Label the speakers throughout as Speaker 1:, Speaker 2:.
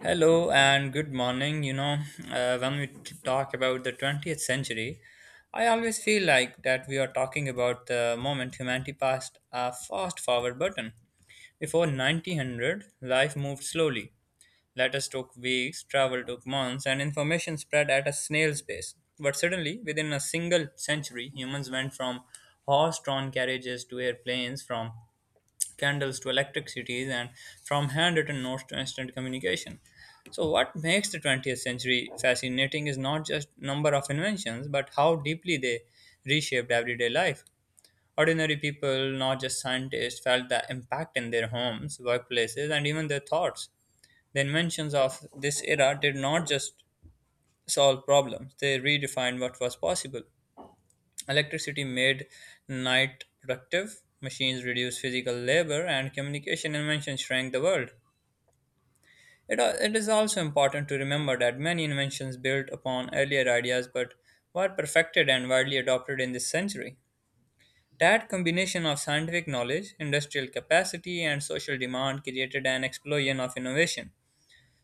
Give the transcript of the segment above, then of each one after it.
Speaker 1: Hello and good morning. When we talk about the 20th century, I always feel like that we are talking about the moment humanity passed a fast forward button. Before 1900, life moved slowly. Letters took weeks, travel took months, and information spread at a snail's pace. But suddenly, within a single century, humans went from horse drawn carriages to airplanes, from candles to electric cities and from handwritten notes to instant communication. So what makes the 20th century fascinating is not just number of inventions but how deeply they reshaped everyday life. Ordinary people, not just scientists, felt the impact in their homes, workplaces and even their thoughts. The inventions of this era did not just solve problems, they redefined what was possible. Electricity made night productive, machines reduced physical labor, and communication inventions shrank the world. It is also important to remember that many inventions built upon earlier ideas but were perfected and widely adopted in this century. That combination of scientific knowledge, industrial capacity, and social demand created an explosion of innovation.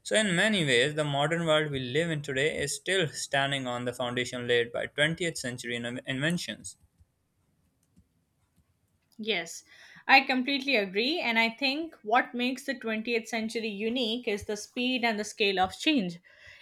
Speaker 1: So, in many ways, the modern world we live in today is still standing on the foundation laid by 20th century inventions.
Speaker 2: Yes, I completely agree. And I think what makes the 20th century unique is the speed and the scale of change.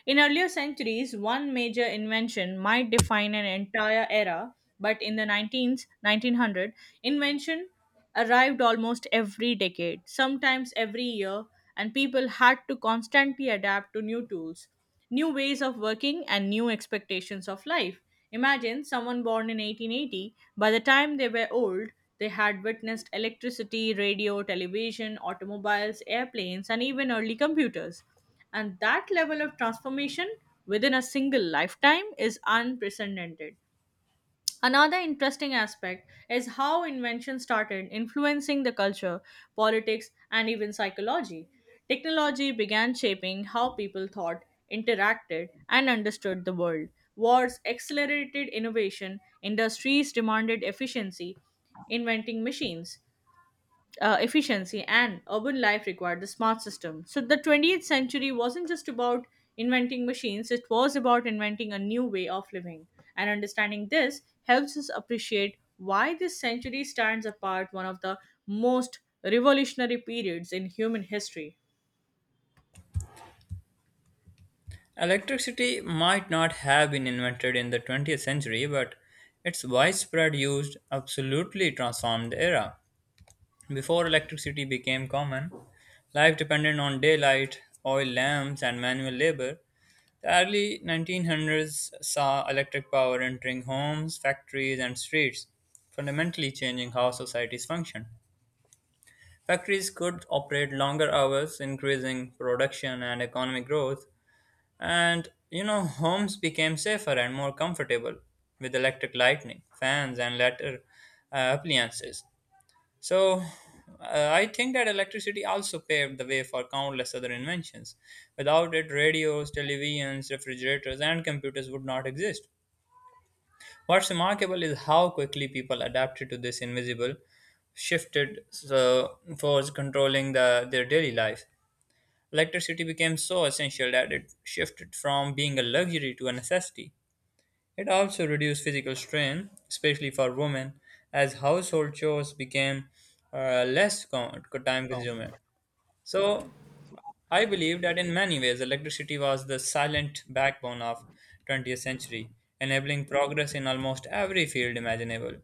Speaker 2: In earlier centuries, one major invention might define an entire era, but in the 19th, 1900, invention arrived almost every decade, sometimes every year, and people had to constantly adapt to new tools, new ways of working, and new expectations of life. Imagine someone born in 1880, by the time they were old, they had witnessed electricity, radio, television, automobiles, airplanes, and even early computers. And that level of transformation within a single lifetime is unprecedented. Another interesting aspect is how invention started influencing the culture, politics, and even psychology. Technology began shaping how people thought, interacted, and understood the world. Wars accelerated innovation, industries demanded efficiency, inventing machines, efficiency and urban life required the smart system. So the 20th century wasn't just about inventing machines, it was about inventing a new way of living. And understanding this helps us appreciate why this century stands apart, one of the most revolutionary periods in human history.
Speaker 1: Electricity might not have been invented in the 20th century, but its widespread use absolutely transformed the era. Before electricity became common, life depended on daylight, oil lamps, and manual labor. The early 1900s saw electric power entering homes, factories, and streets, fundamentally changing how societies function. Factories could operate longer hours, increasing production and economic growth, and homes became safer and more comfortable with electric lighting, fans, and later appliances. So, I think that electricity also paved the way for countless other inventions. Without it, radios, televisions, refrigerators, and computers would not exist. What's remarkable is how quickly people adapted to this invisible shifted so force controlling the their daily life. Electricity became so essential that it shifted from being a luxury to a necessity. It also reduced physical strain, especially for women, as household chores became less time consuming. So, I believe that in many ways, electricity was the silent backbone of 20th century, enabling progress in almost every field imaginable.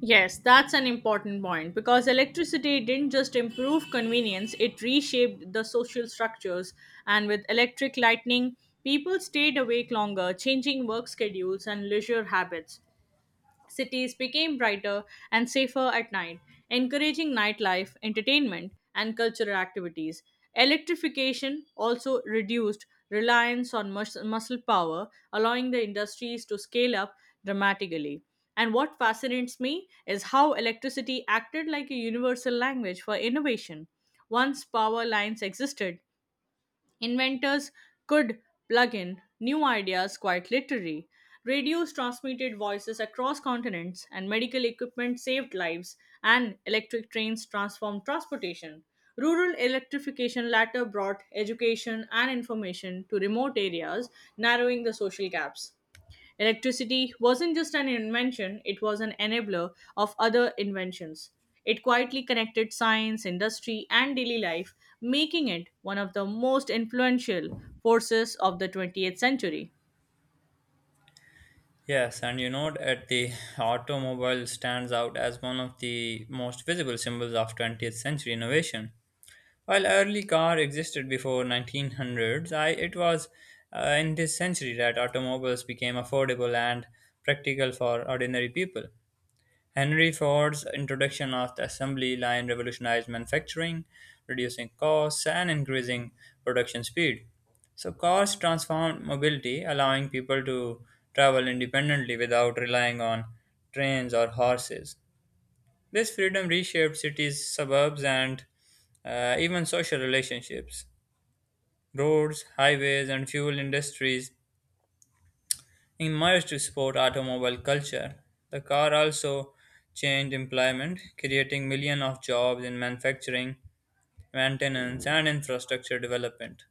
Speaker 2: Yes, that's an important point because electricity didn't just improve convenience, it reshaped the social structures. And with electric lightning, people stayed awake longer, changing work schedules and leisure habits. Cities became brighter and safer at night, encouraging nightlife, entertainment, and cultural activities. Electrification also reduced reliance on muscle power, allowing the industries to scale up dramatically. And what fascinates me is how electricity acted like a universal language for innovation. Once power lines existed, inventors could plug in new ideas quite literally. Radios transmitted voices across continents, and medical equipment saved lives, and electric trains transformed transportation. Rural electrification later brought education and information to remote areas, narrowing the social gaps. Electricity wasn't just an invention, it was an enabler of other inventions. It quietly connected science, industry, and daily life, making it one of the most influential forces of the 20th century.
Speaker 1: Yes, and you know that the automobile stands out as one of the most visible symbols of 20th century innovation. While early car existed before 1900s, it was in this century that automobiles became affordable and practical for ordinary people. Henry Ford's introduction of the assembly line revolutionized manufacturing, reducing costs and increasing production speed. So cars transformed mobility, allowing people to travel independently without relying on trains or horses. This freedom reshaped cities, suburbs, and even social relationships. Roads, highways, and fuel industries emerged to support automobile culture. The car also changed employment, creating millions of jobs in manufacturing, maintenance, and infrastructure development.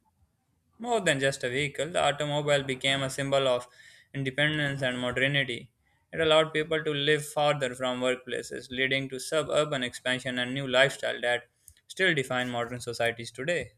Speaker 1: More than just a vehicle, the automobile became a symbol of independence and modernity. It allowed people to live farther from workplaces, leading to suburban expansion and new lifestyle that still define modern societies today.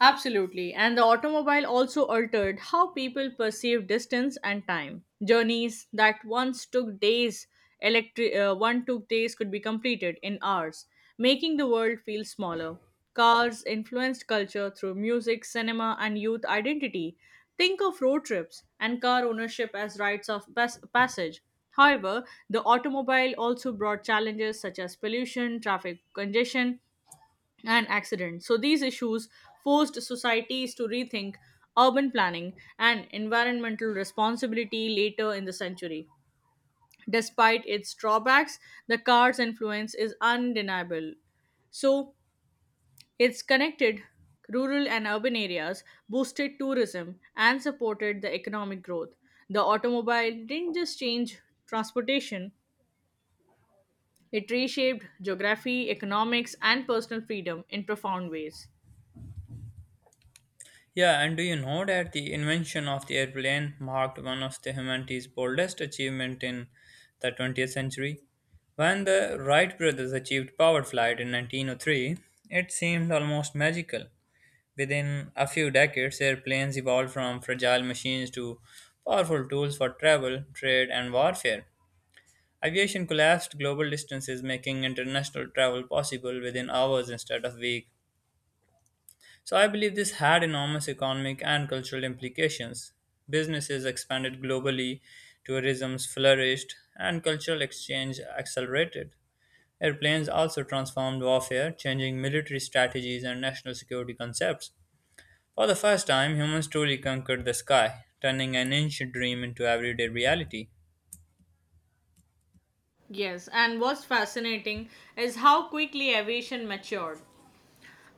Speaker 2: Absolutely. And the automobile also altered how people perceive distance and time. Journeys that once took days, one took days, could be completed in hours, making the world feel smaller. Cars influenced culture through music, cinema, and youth identity. Think of road trips and car ownership as rites of passage. However, the automobile also brought challenges such as pollution, traffic congestion, and accident. So these issues forced societies to rethink urban planning and environmental responsibility later in the century. Despite its drawbacks, the car's influence is undeniable. So it's connected rural and urban areas, boosted tourism, and supported the economic growth. The automobile didn't just change transportation, it reshaped geography, economics, and personal freedom in profound ways.
Speaker 1: Yeah, and do you know that the invention of the airplane marked one of the humanity's boldest achievement in the 20th century? When the Wright brothers achieved powered flight in 1903, it seemed almost magical. Within a few decades, airplanes evolved from fragile machines to powerful tools for travel, trade, and warfare. Aviation collapsed global distances, making international travel possible within hours instead of weeks. So, I believe this had enormous economic and cultural implications. Businesses expanded globally, tourism flourished, and cultural exchange accelerated. Airplanes also transformed warfare, changing military strategies and national security concepts. For the first time, humans truly conquered the sky, turning an ancient dream into everyday reality.
Speaker 2: Yes, and what's fascinating is how quickly aviation matured.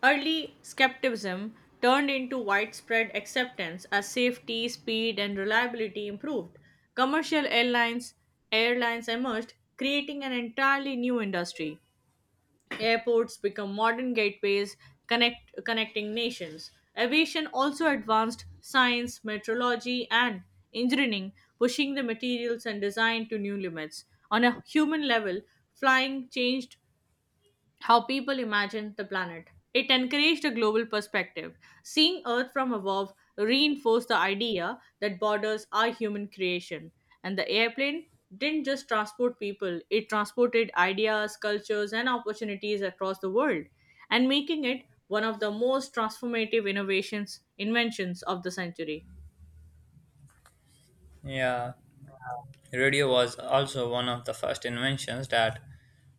Speaker 2: Early skepticism turned into widespread acceptance as safety, speed, and reliability improved. Commercial airlines emerged, creating an entirely new industry. Airports become modern gateways, connecting nations. Aviation also advanced science, meteorology, and engineering, pushing the materials and design to new limits. On a human level, flying changed how people imagined the planet. It encouraged a global perspective. Seeing Earth from above reinforced the idea that borders are human creation. And the airplane didn't just transport people, it transported ideas, cultures, and opportunities across the world, and making it one of the most transformative innovations, inventions of the century.
Speaker 1: Yeah, radio was also one of the first inventions that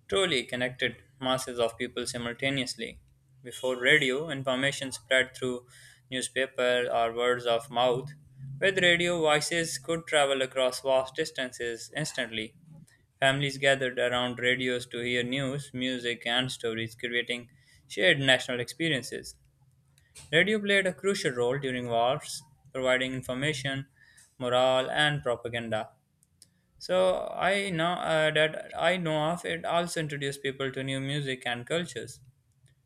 Speaker 1: truly connected masses of people simultaneously. Before radio, information spread through newspaper or words of mouth. With radio, voices could travel across vast distances instantly. Families gathered around radios to hear news, music, and stories, creating shared national experiences. Radio played a crucial role during wars, providing information, morale, and propaganda. I know of it also introduced people to new music and cultures,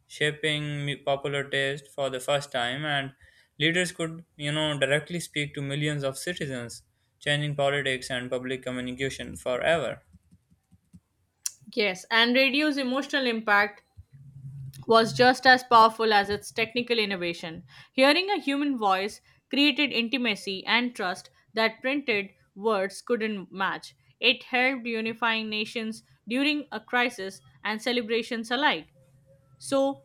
Speaker 1: shaping popular taste for the first time. And leaders could, directly speak to millions of citizens, changing politics and public communication forever.
Speaker 2: Yes, and radio's emotional impact was just as powerful as its technical innovation. Hearing a human voice created intimacy and trust that printed words couldn't match. It helped unifying nations during a crisis and celebrations alike. So,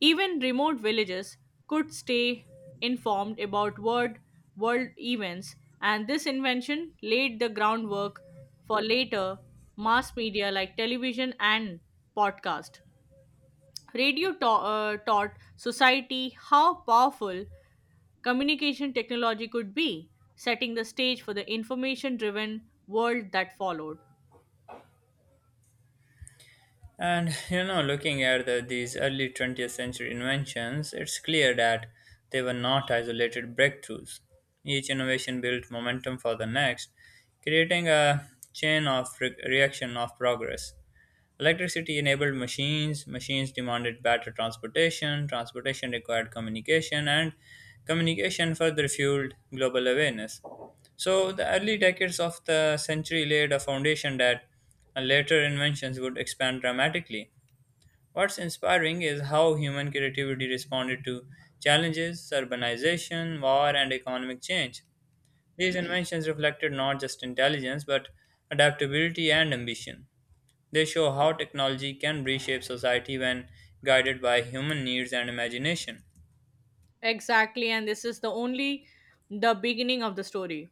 Speaker 2: even remote villages could stay informed about world events, and this invention laid the groundwork for later mass media like television and podcast. Radio taught society how powerful communication technology could be, setting the stage for the information driven world that followed.
Speaker 1: And looking at these early 20th century inventions, it's clear that they were not isolated breakthroughs. Each innovation built momentum for the next, creating a chain of reaction of progress. Electricity enabled machines, machines demanded better transportation, transportation required communication, and communication further fueled global awareness. So, the early decades of the century laid a foundation that later inventions would expand dramatically. What's inspiring is how human creativity responded to challenges, urbanization, war, and economic change. These inventions reflected not just intelligence but adaptability and ambition. They show how technology can reshape society when guided by human needs and imagination.
Speaker 2: Exactly, and this is the only the beginning of the story.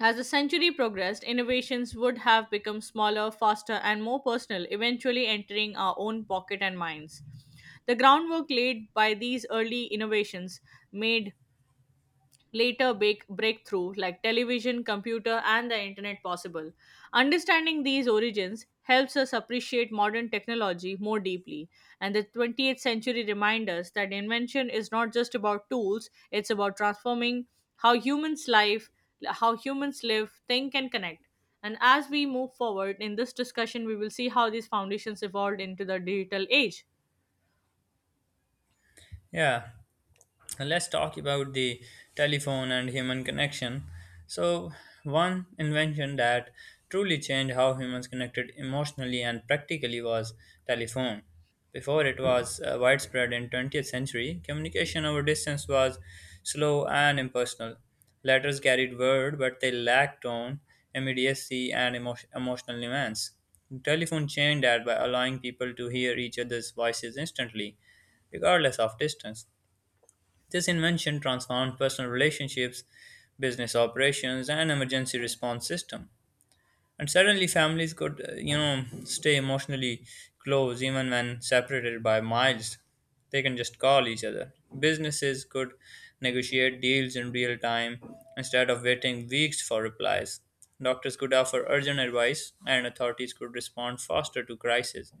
Speaker 2: As the century progressed, innovations would have become smaller, faster, and more personal, eventually entering our own pocket and minds. The groundwork laid by these early innovations made later bake breakthrough like television, computer, and the internet possible. Understanding these origins helps us appreciate modern technology more deeply, and the 20th century reminds us that invention is not just about tools, it's about transforming how humans live, how humans live, think and connect. And as we move forward in this discussion, we will see how these foundations evolved into the digital age.
Speaker 1: Yeah. And let's talk about the telephone and human connection. So, one invention that truly changed how humans connected emotionally and practically was telephone. Before it was widespread in 20th century, communication over distance was slow and impersonal. Letters carried word, but they lacked tone, immediacy, and emotional nuance. Telephone changed that by allowing people to hear each other's voices instantly, regardless of distance. This invention transformed personal relationships, business operations, and emergency response system. And suddenly, families could, stay emotionally close even when separated by miles. They can just call each other. Businesses could negotiate deals in real time instead of waiting weeks for replies. Doctors could offer urgent advice, and authorities could respond faster to crises.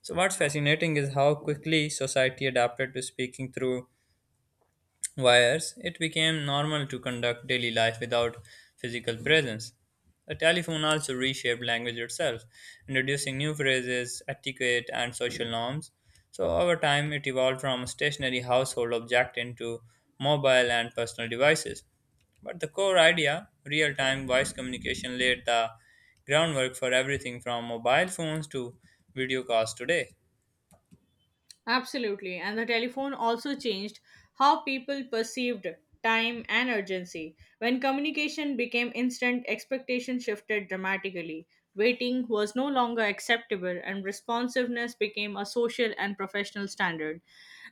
Speaker 1: So, what's fascinating is how quickly society adapted to speaking through wires. It became normal to conduct daily life without physical presence. The telephone also reshaped language itself, introducing new phrases, etiquette, and social norms. So, over time, it evolved from a stationary household object into mobile and personal devices. But the core idea, real time voice communication, laid the groundwork for everything from mobile phones to video calls today.
Speaker 2: Absolutely. And the telephone also changed how people perceived time and urgency. When communication became instant, expectation shifted dramatically. Waiting was no longer acceptable and responsiveness became a social and professional standard.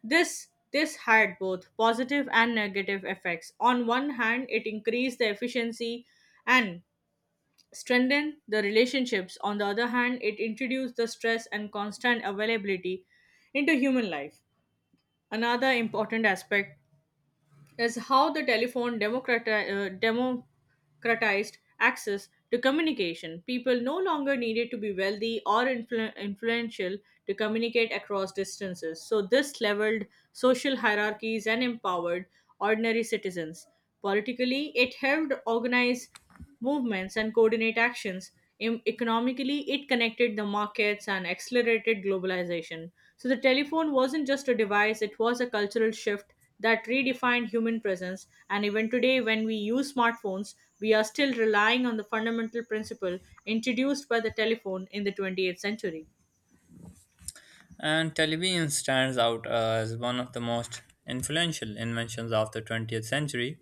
Speaker 2: This had both positive and negative effects. On one hand, it increased the efficiency and strengthened the relationships. On the other hand, it introduced the stress and constant availability into human life. Another important aspect is how the telephone democratized access to communication. People no longer needed to be wealthy or influential to communicate across distances. So, this leveled social hierarchies and empowered ordinary citizens. Politically, it helped organize movements and coordinate actions. Economically, it connected the markets and accelerated globalization. So the telephone wasn't just a device, it was a cultural shift that redefined human presence. And even today, when we use smartphones, we are still relying on the fundamental principle introduced by the telephone in the 20th century.
Speaker 1: And television stands out as one of the most influential inventions of the 20th century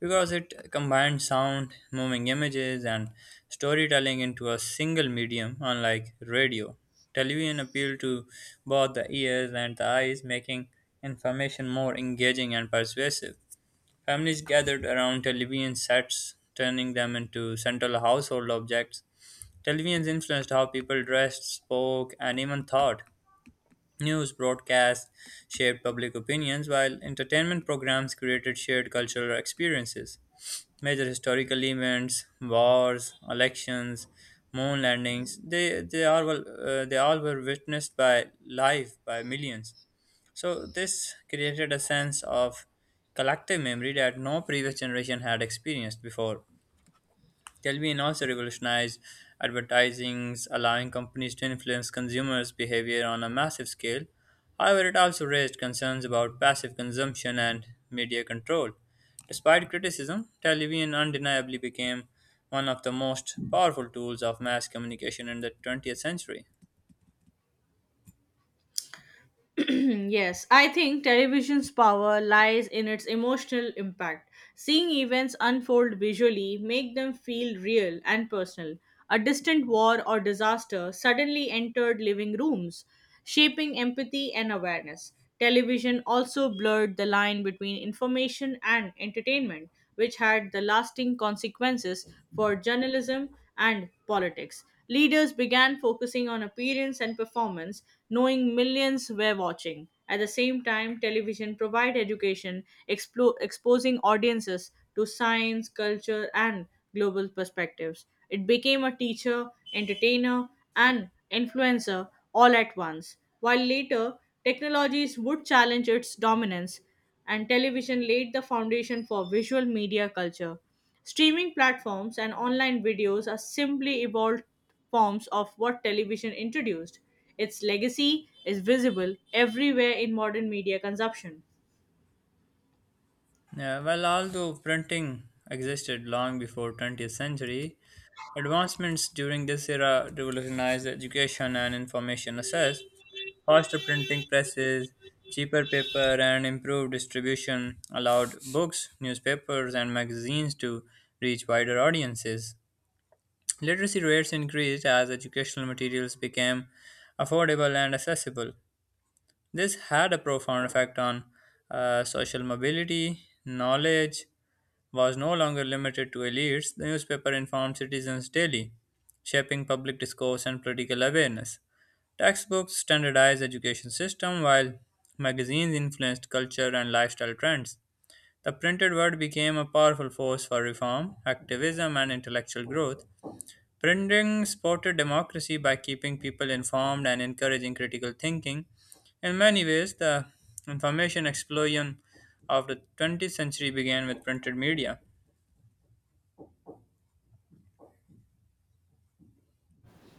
Speaker 1: because it combined sound, moving images, and storytelling into a single medium, unlike radio. Television appealed to both the ears and the eyes, making information more engaging and persuasive. Families gathered around television sets, turning them into central household objects. Televisions influenced how people dressed, spoke, and even thought. News broadcasts shaped public opinions, while entertainment programs created shared cultural experiences. Major historical events, wars, elections, moon landings, they all were witnessed by live by millions. So, this created a sense of collective memory that no previous generation had experienced before. Kelvin also revolutionized advertising, allowing companies to influence consumers' behavior on a massive scale. However, it also raised concerns about passive consumption and media control. Despite criticism, television undeniably became one of the most powerful tools of mass communication in the 20th century.
Speaker 2: Yes, I think television's power lies in its emotional impact. Seeing events unfold visually make them feel real and personal. A distant war or disaster suddenly entered living rooms, shaping empathy and awareness. Television also blurred the line between information and entertainment, which had the lasting consequences for journalism and politics. Leaders began focusing on appearance and performance, knowing millions were watching. At the same time, television provided education, exposing audiences to science, culture, and global perspectives. It became a teacher, entertainer, and influencer all at once. While later, technologies would challenge its dominance, and television laid the foundation for visual media culture. Streaming platforms and online videos are simply evolved forms of what television introduced. Its legacy is visible everywhere in modern media consumption.
Speaker 1: Yeah, well, although printing existed long before 20th century, advancements during this era revolutionized education and information access. Faster printing presses, cheaper paper, and improved distribution allowed books, newspapers, and magazines to reach wider audiences. Literacy rates increased as educational materials became affordable and accessible. This had a profound effect on social mobility. Knowledge was no longer limited to elites, the newspaper informed citizens daily, shaping public discourse and political awareness. Textbooks standardized education system while magazines influenced culture and lifestyle trends. The printed word became a powerful force for reform, activism and intellectual growth. Printing supported democracy by keeping people informed and encouraging critical thinking. In many ways, the information explosion of the 20th century began with printed media.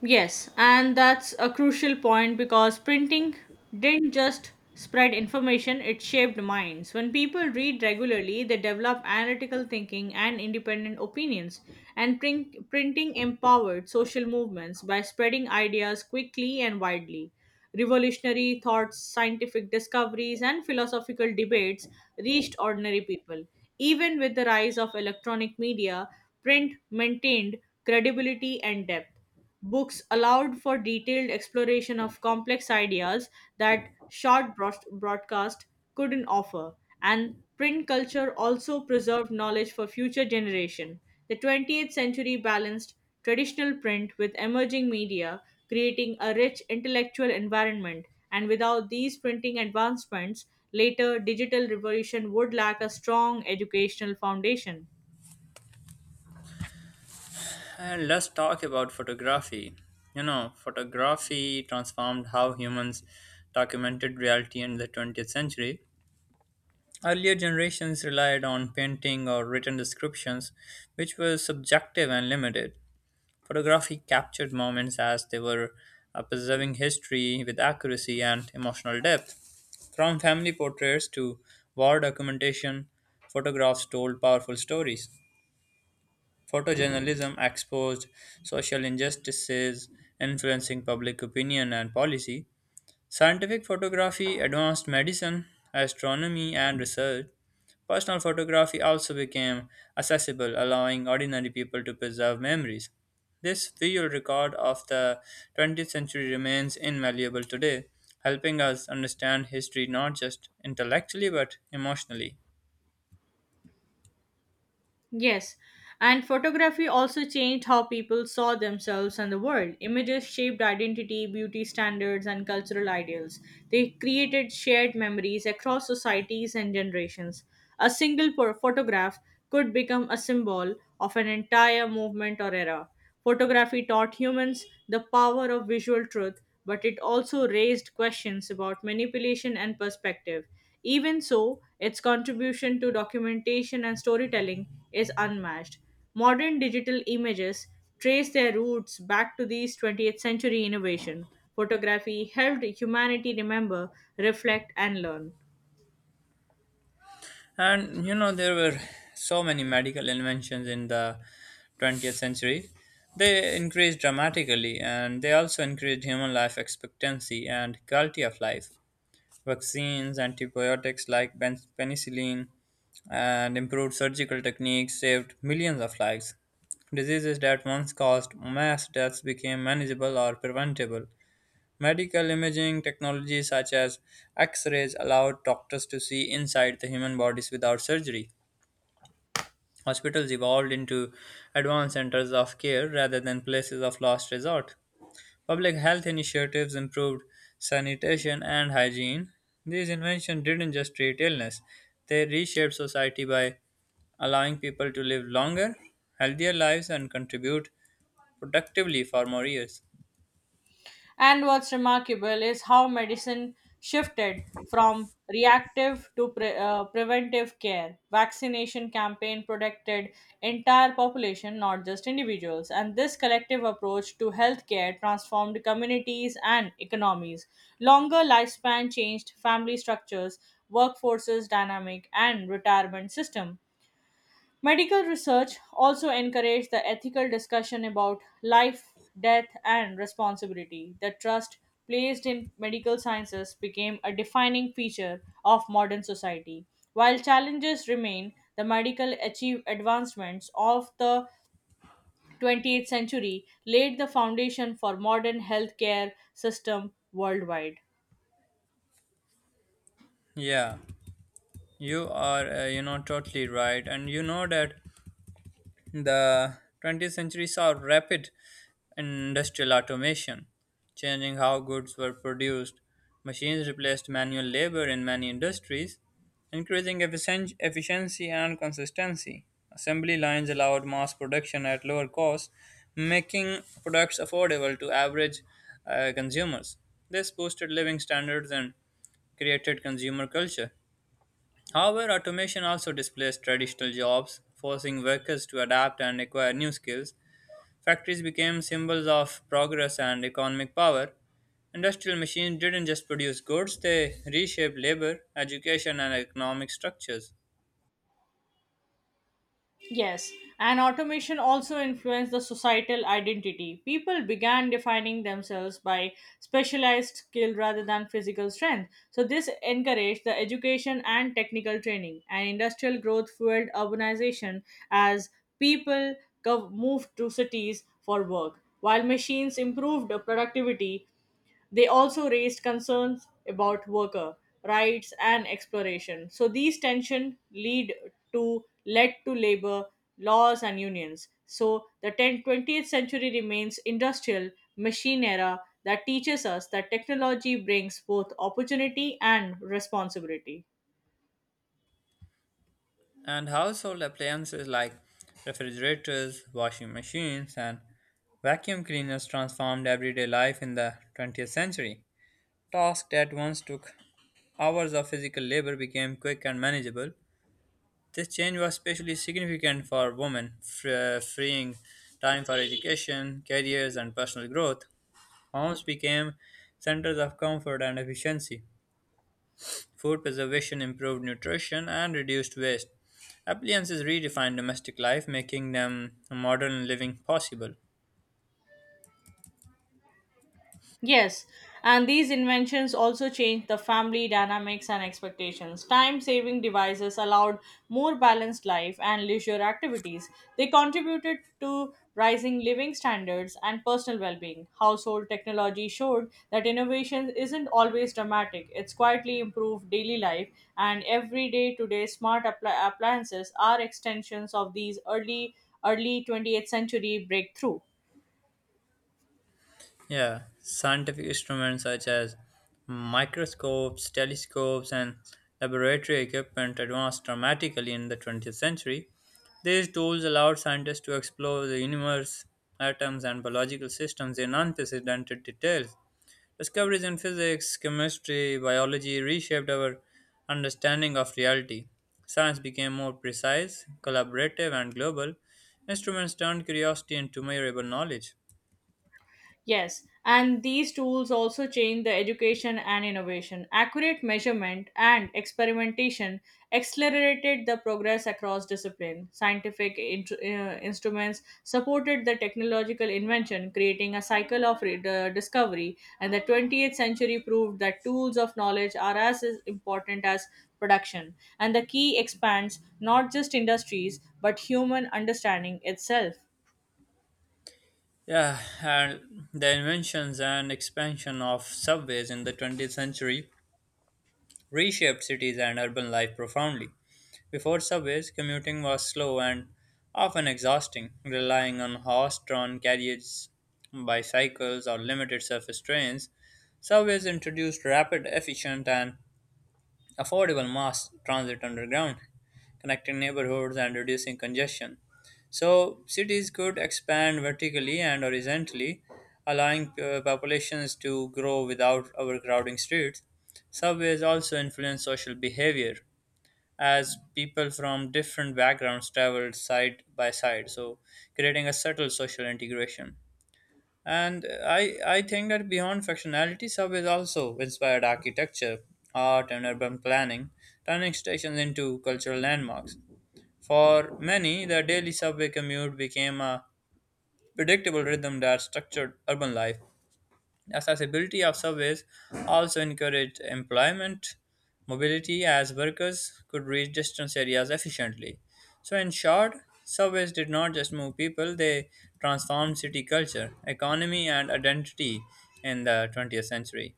Speaker 2: Yes, and that's a crucial point because printing didn't just spread information, it shaped minds. When people read regularly, they develop analytical thinking and independent opinions. And printing empowered social movements by spreading ideas quickly and widely. Revolutionary thoughts, scientific discoveries, and philosophical debates reached ordinary people. Even with the rise of electronic media, print maintained credibility and depth. Books allowed for detailed exploration of complex ideas that short broadcast couldn't offer. And print culture also preserved knowledge for future generation. The 20th century balanced traditional print with emerging media, creating a rich intellectual environment. And without these printing advancements, later digital revolution would lack a strong educational foundation.
Speaker 1: And let's talk about photography. You know, photography transformed how humans documented reality in the 20th century. Earlier generations relied on painting or written descriptions, which were subjective and limited. Photography captured moments as they were, preserving history with accuracy and emotional depth. From family portraits to war documentation, photographs told powerful stories. Photojournalism exposed social injustices influencing public opinion and policy. Scientific photography advanced medicine, astronomy, and research. Personal photography also became accessible, allowing ordinary people to preserve memories. This visual record of the 20th century remains invaluable today, helping us understand history not just intellectually but emotionally.
Speaker 2: Yes, and photography also changed how people saw themselves and the world. Images shaped identity, beauty standards, and cultural ideals. They created shared memories across societies and generations. A single photograph could become a symbol of an entire movement or era. Photography taught humans the power of visual truth, but it also raised questions about manipulation and perspective. Even so, its contribution to documentation and storytelling is unmatched. Modern digital images trace their roots back to these 20th century innovation. Photography helped humanity remember, reflect, and learn.
Speaker 1: And you know, there were so many medical inventions in the 20th century. They increased dramatically and they also increased human life expectancy and quality of life. Vaccines, antibiotics like penicillin, and improved surgical techniques saved millions of lives. Diseases that once caused mass deaths became manageable or preventable. Medical imaging technologies such as X rays allowed doctors to see inside the human bodies without surgery. Hospitals evolved into advanced centers of care rather than places of last resort. Public health initiatives improved sanitation and hygiene. These inventions didn't just treat illness, they reshaped society by allowing people to live longer, healthier lives and contribute productively for more years.
Speaker 2: And what's remarkable is how medicine shifted from reactive to preventive care. Vaccination campaign protected entire population, not just individuals. And this collective approach to healthcare transformed communities and economies. Longer lifespan changed family structures, workforces dynamic, and retirement system. Medical research also encouraged the ethical discussion about life, death, and responsibility. The trust placed in medical sciences became a defining feature of modern society. While challenges remain, the medical achieve advancements of the 20th century laid the foundation for modern healthcare system worldwide.
Speaker 1: Yeah, you are, totally right. And you know that the 20th century saw rapid industrial automation, changing how goods were produced. Machines replaced manual labor in many industries, increasing efficiency and consistency. Assembly lines allowed mass production at lower costs, making products affordable to average consumers. This boosted living standards and created consumer culture. However, automation also displaced traditional jobs, forcing workers to adapt and acquire new skills. Factories became symbols of progress and economic power. Industrial machines didn't just produce goods, they reshaped labor, education, and economic structures.
Speaker 2: Yes, and automation also influenced the societal identity. People began defining themselves by specialized skill rather than physical strength. So, this encouraged the education and technical training, and industrial growth fueled urbanization as people moved to cities for work. While machines improved productivity, they also raised concerns about worker rights and exploration. So these tensions lead to led to labor laws and unions. So the 20th century remains industrial machine era that teaches us that technology brings both opportunity and responsibility.
Speaker 1: And household appliances like refrigerators, washing machines, and vacuum cleaners transformed everyday life in the 20th century. Tasks that once took hours of physical labor became quick and manageable. This change was especially significant for women, freeing time for education, careers, and personal growth. Homes became centers of comfort and efficiency. Food preservation improved nutrition and reduced waste. Appliances redefined domestic life, making them modern living possible.
Speaker 2: Yes, and these inventions also changed the family dynamics and expectations. Time saving devices allowed more balanced life and leisure activities. They contributed to rising living standards and personal well being. Household technology showed that innovation isn't always dramatic, it's quietly improved daily life, and everyday today, smart appliances are extensions of these early 20th century breakthrough.
Speaker 1: Yeah, scientific instruments such as microscopes, telescopes, and laboratory equipment advanced dramatically in the 20th century. These tools allowed scientists to explore the universe, atoms, and biological systems in unprecedented details. Discoveries in physics, chemistry, biology reshaped our understanding of reality. Science became more precise, collaborative, and global. Instruments turned curiosity into measurable knowledge.
Speaker 2: Yes, and these tools also change the education and innovation. Accurate measurement and experimentation accelerated the progress across discipline. Scientific instruments supported the technological invention, creating a cycle of discovery. And the 20th century proved that tools of knowledge are as important as production. And the key expands not just industries but human understanding itself.
Speaker 1: Yeah, and the inventions and expansion of subways in the 20th century reshaped cities and urban life profoundly. Before subways, commuting was slow and often exhausting, relying on horse drawn carriages, bicycles, or limited surface trains. Subways introduced rapid, efficient, and affordable mass transit underground, connecting neighborhoods and reducing congestion. So, cities could expand vertically and horizontally, allowing populations to grow without overcrowding streets. Subways also influence social behavior as people from different backgrounds travel side by side, so creating a subtle social integration. And I think that beyond functionality, subways also inspired architecture, art, and urban planning, turning stations into cultural landmarks. For many, the daily subway commute became a predictable rhythm that structured urban life. Accessibility of subways also encouraged employment mobility as workers could reach distance areas efficiently. So, in short, subways did not just move people, they transformed city culture, economy, and identity in the 20th century.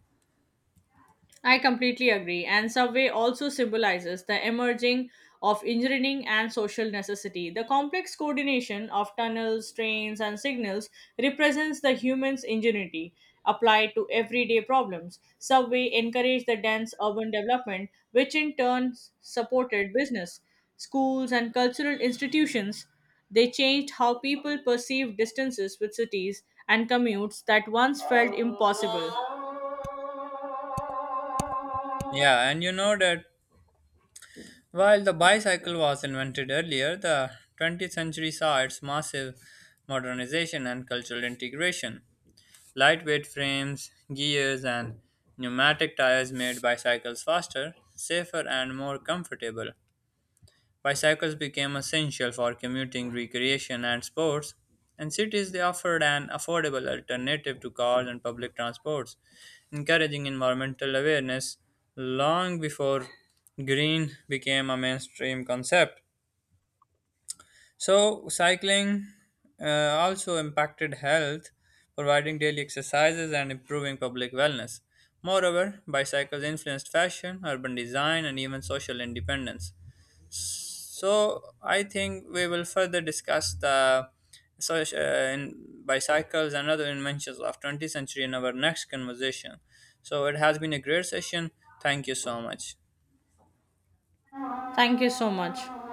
Speaker 2: I completely agree. And subway also symbolizes the emerging of engineering and social necessity. The complex coordination of tunnels, trains, and signals represents the human's ingenuity applied to everyday problems. Subway encouraged the dense urban development, which in turn supported business, schools, and cultural institutions. They changed how people perceive distances with cities and commutes that once felt impossible.
Speaker 1: Yeah, and you know that while the bicycle was invented earlier, the 20th century saw its massive modernization and cultural integration. Lightweight frames, gears, and pneumatic tires made bicycles faster, safer, and more comfortable. Bicycles became essential for commuting, recreation, and sports. In cities, they offered an affordable alternative to cars and public transports, encouraging environmental awareness long before green became a mainstream concept. So, cycling also impacted health, providing daily exercises and improving public wellness. Moreover, bicycles influenced fashion, urban design, and even social independence. So, I think we will further discuss the in bicycles and other inventions of 20th century in our next conversation. So, it has been a great session. Thank you so much.
Speaker 2: Thank you so much.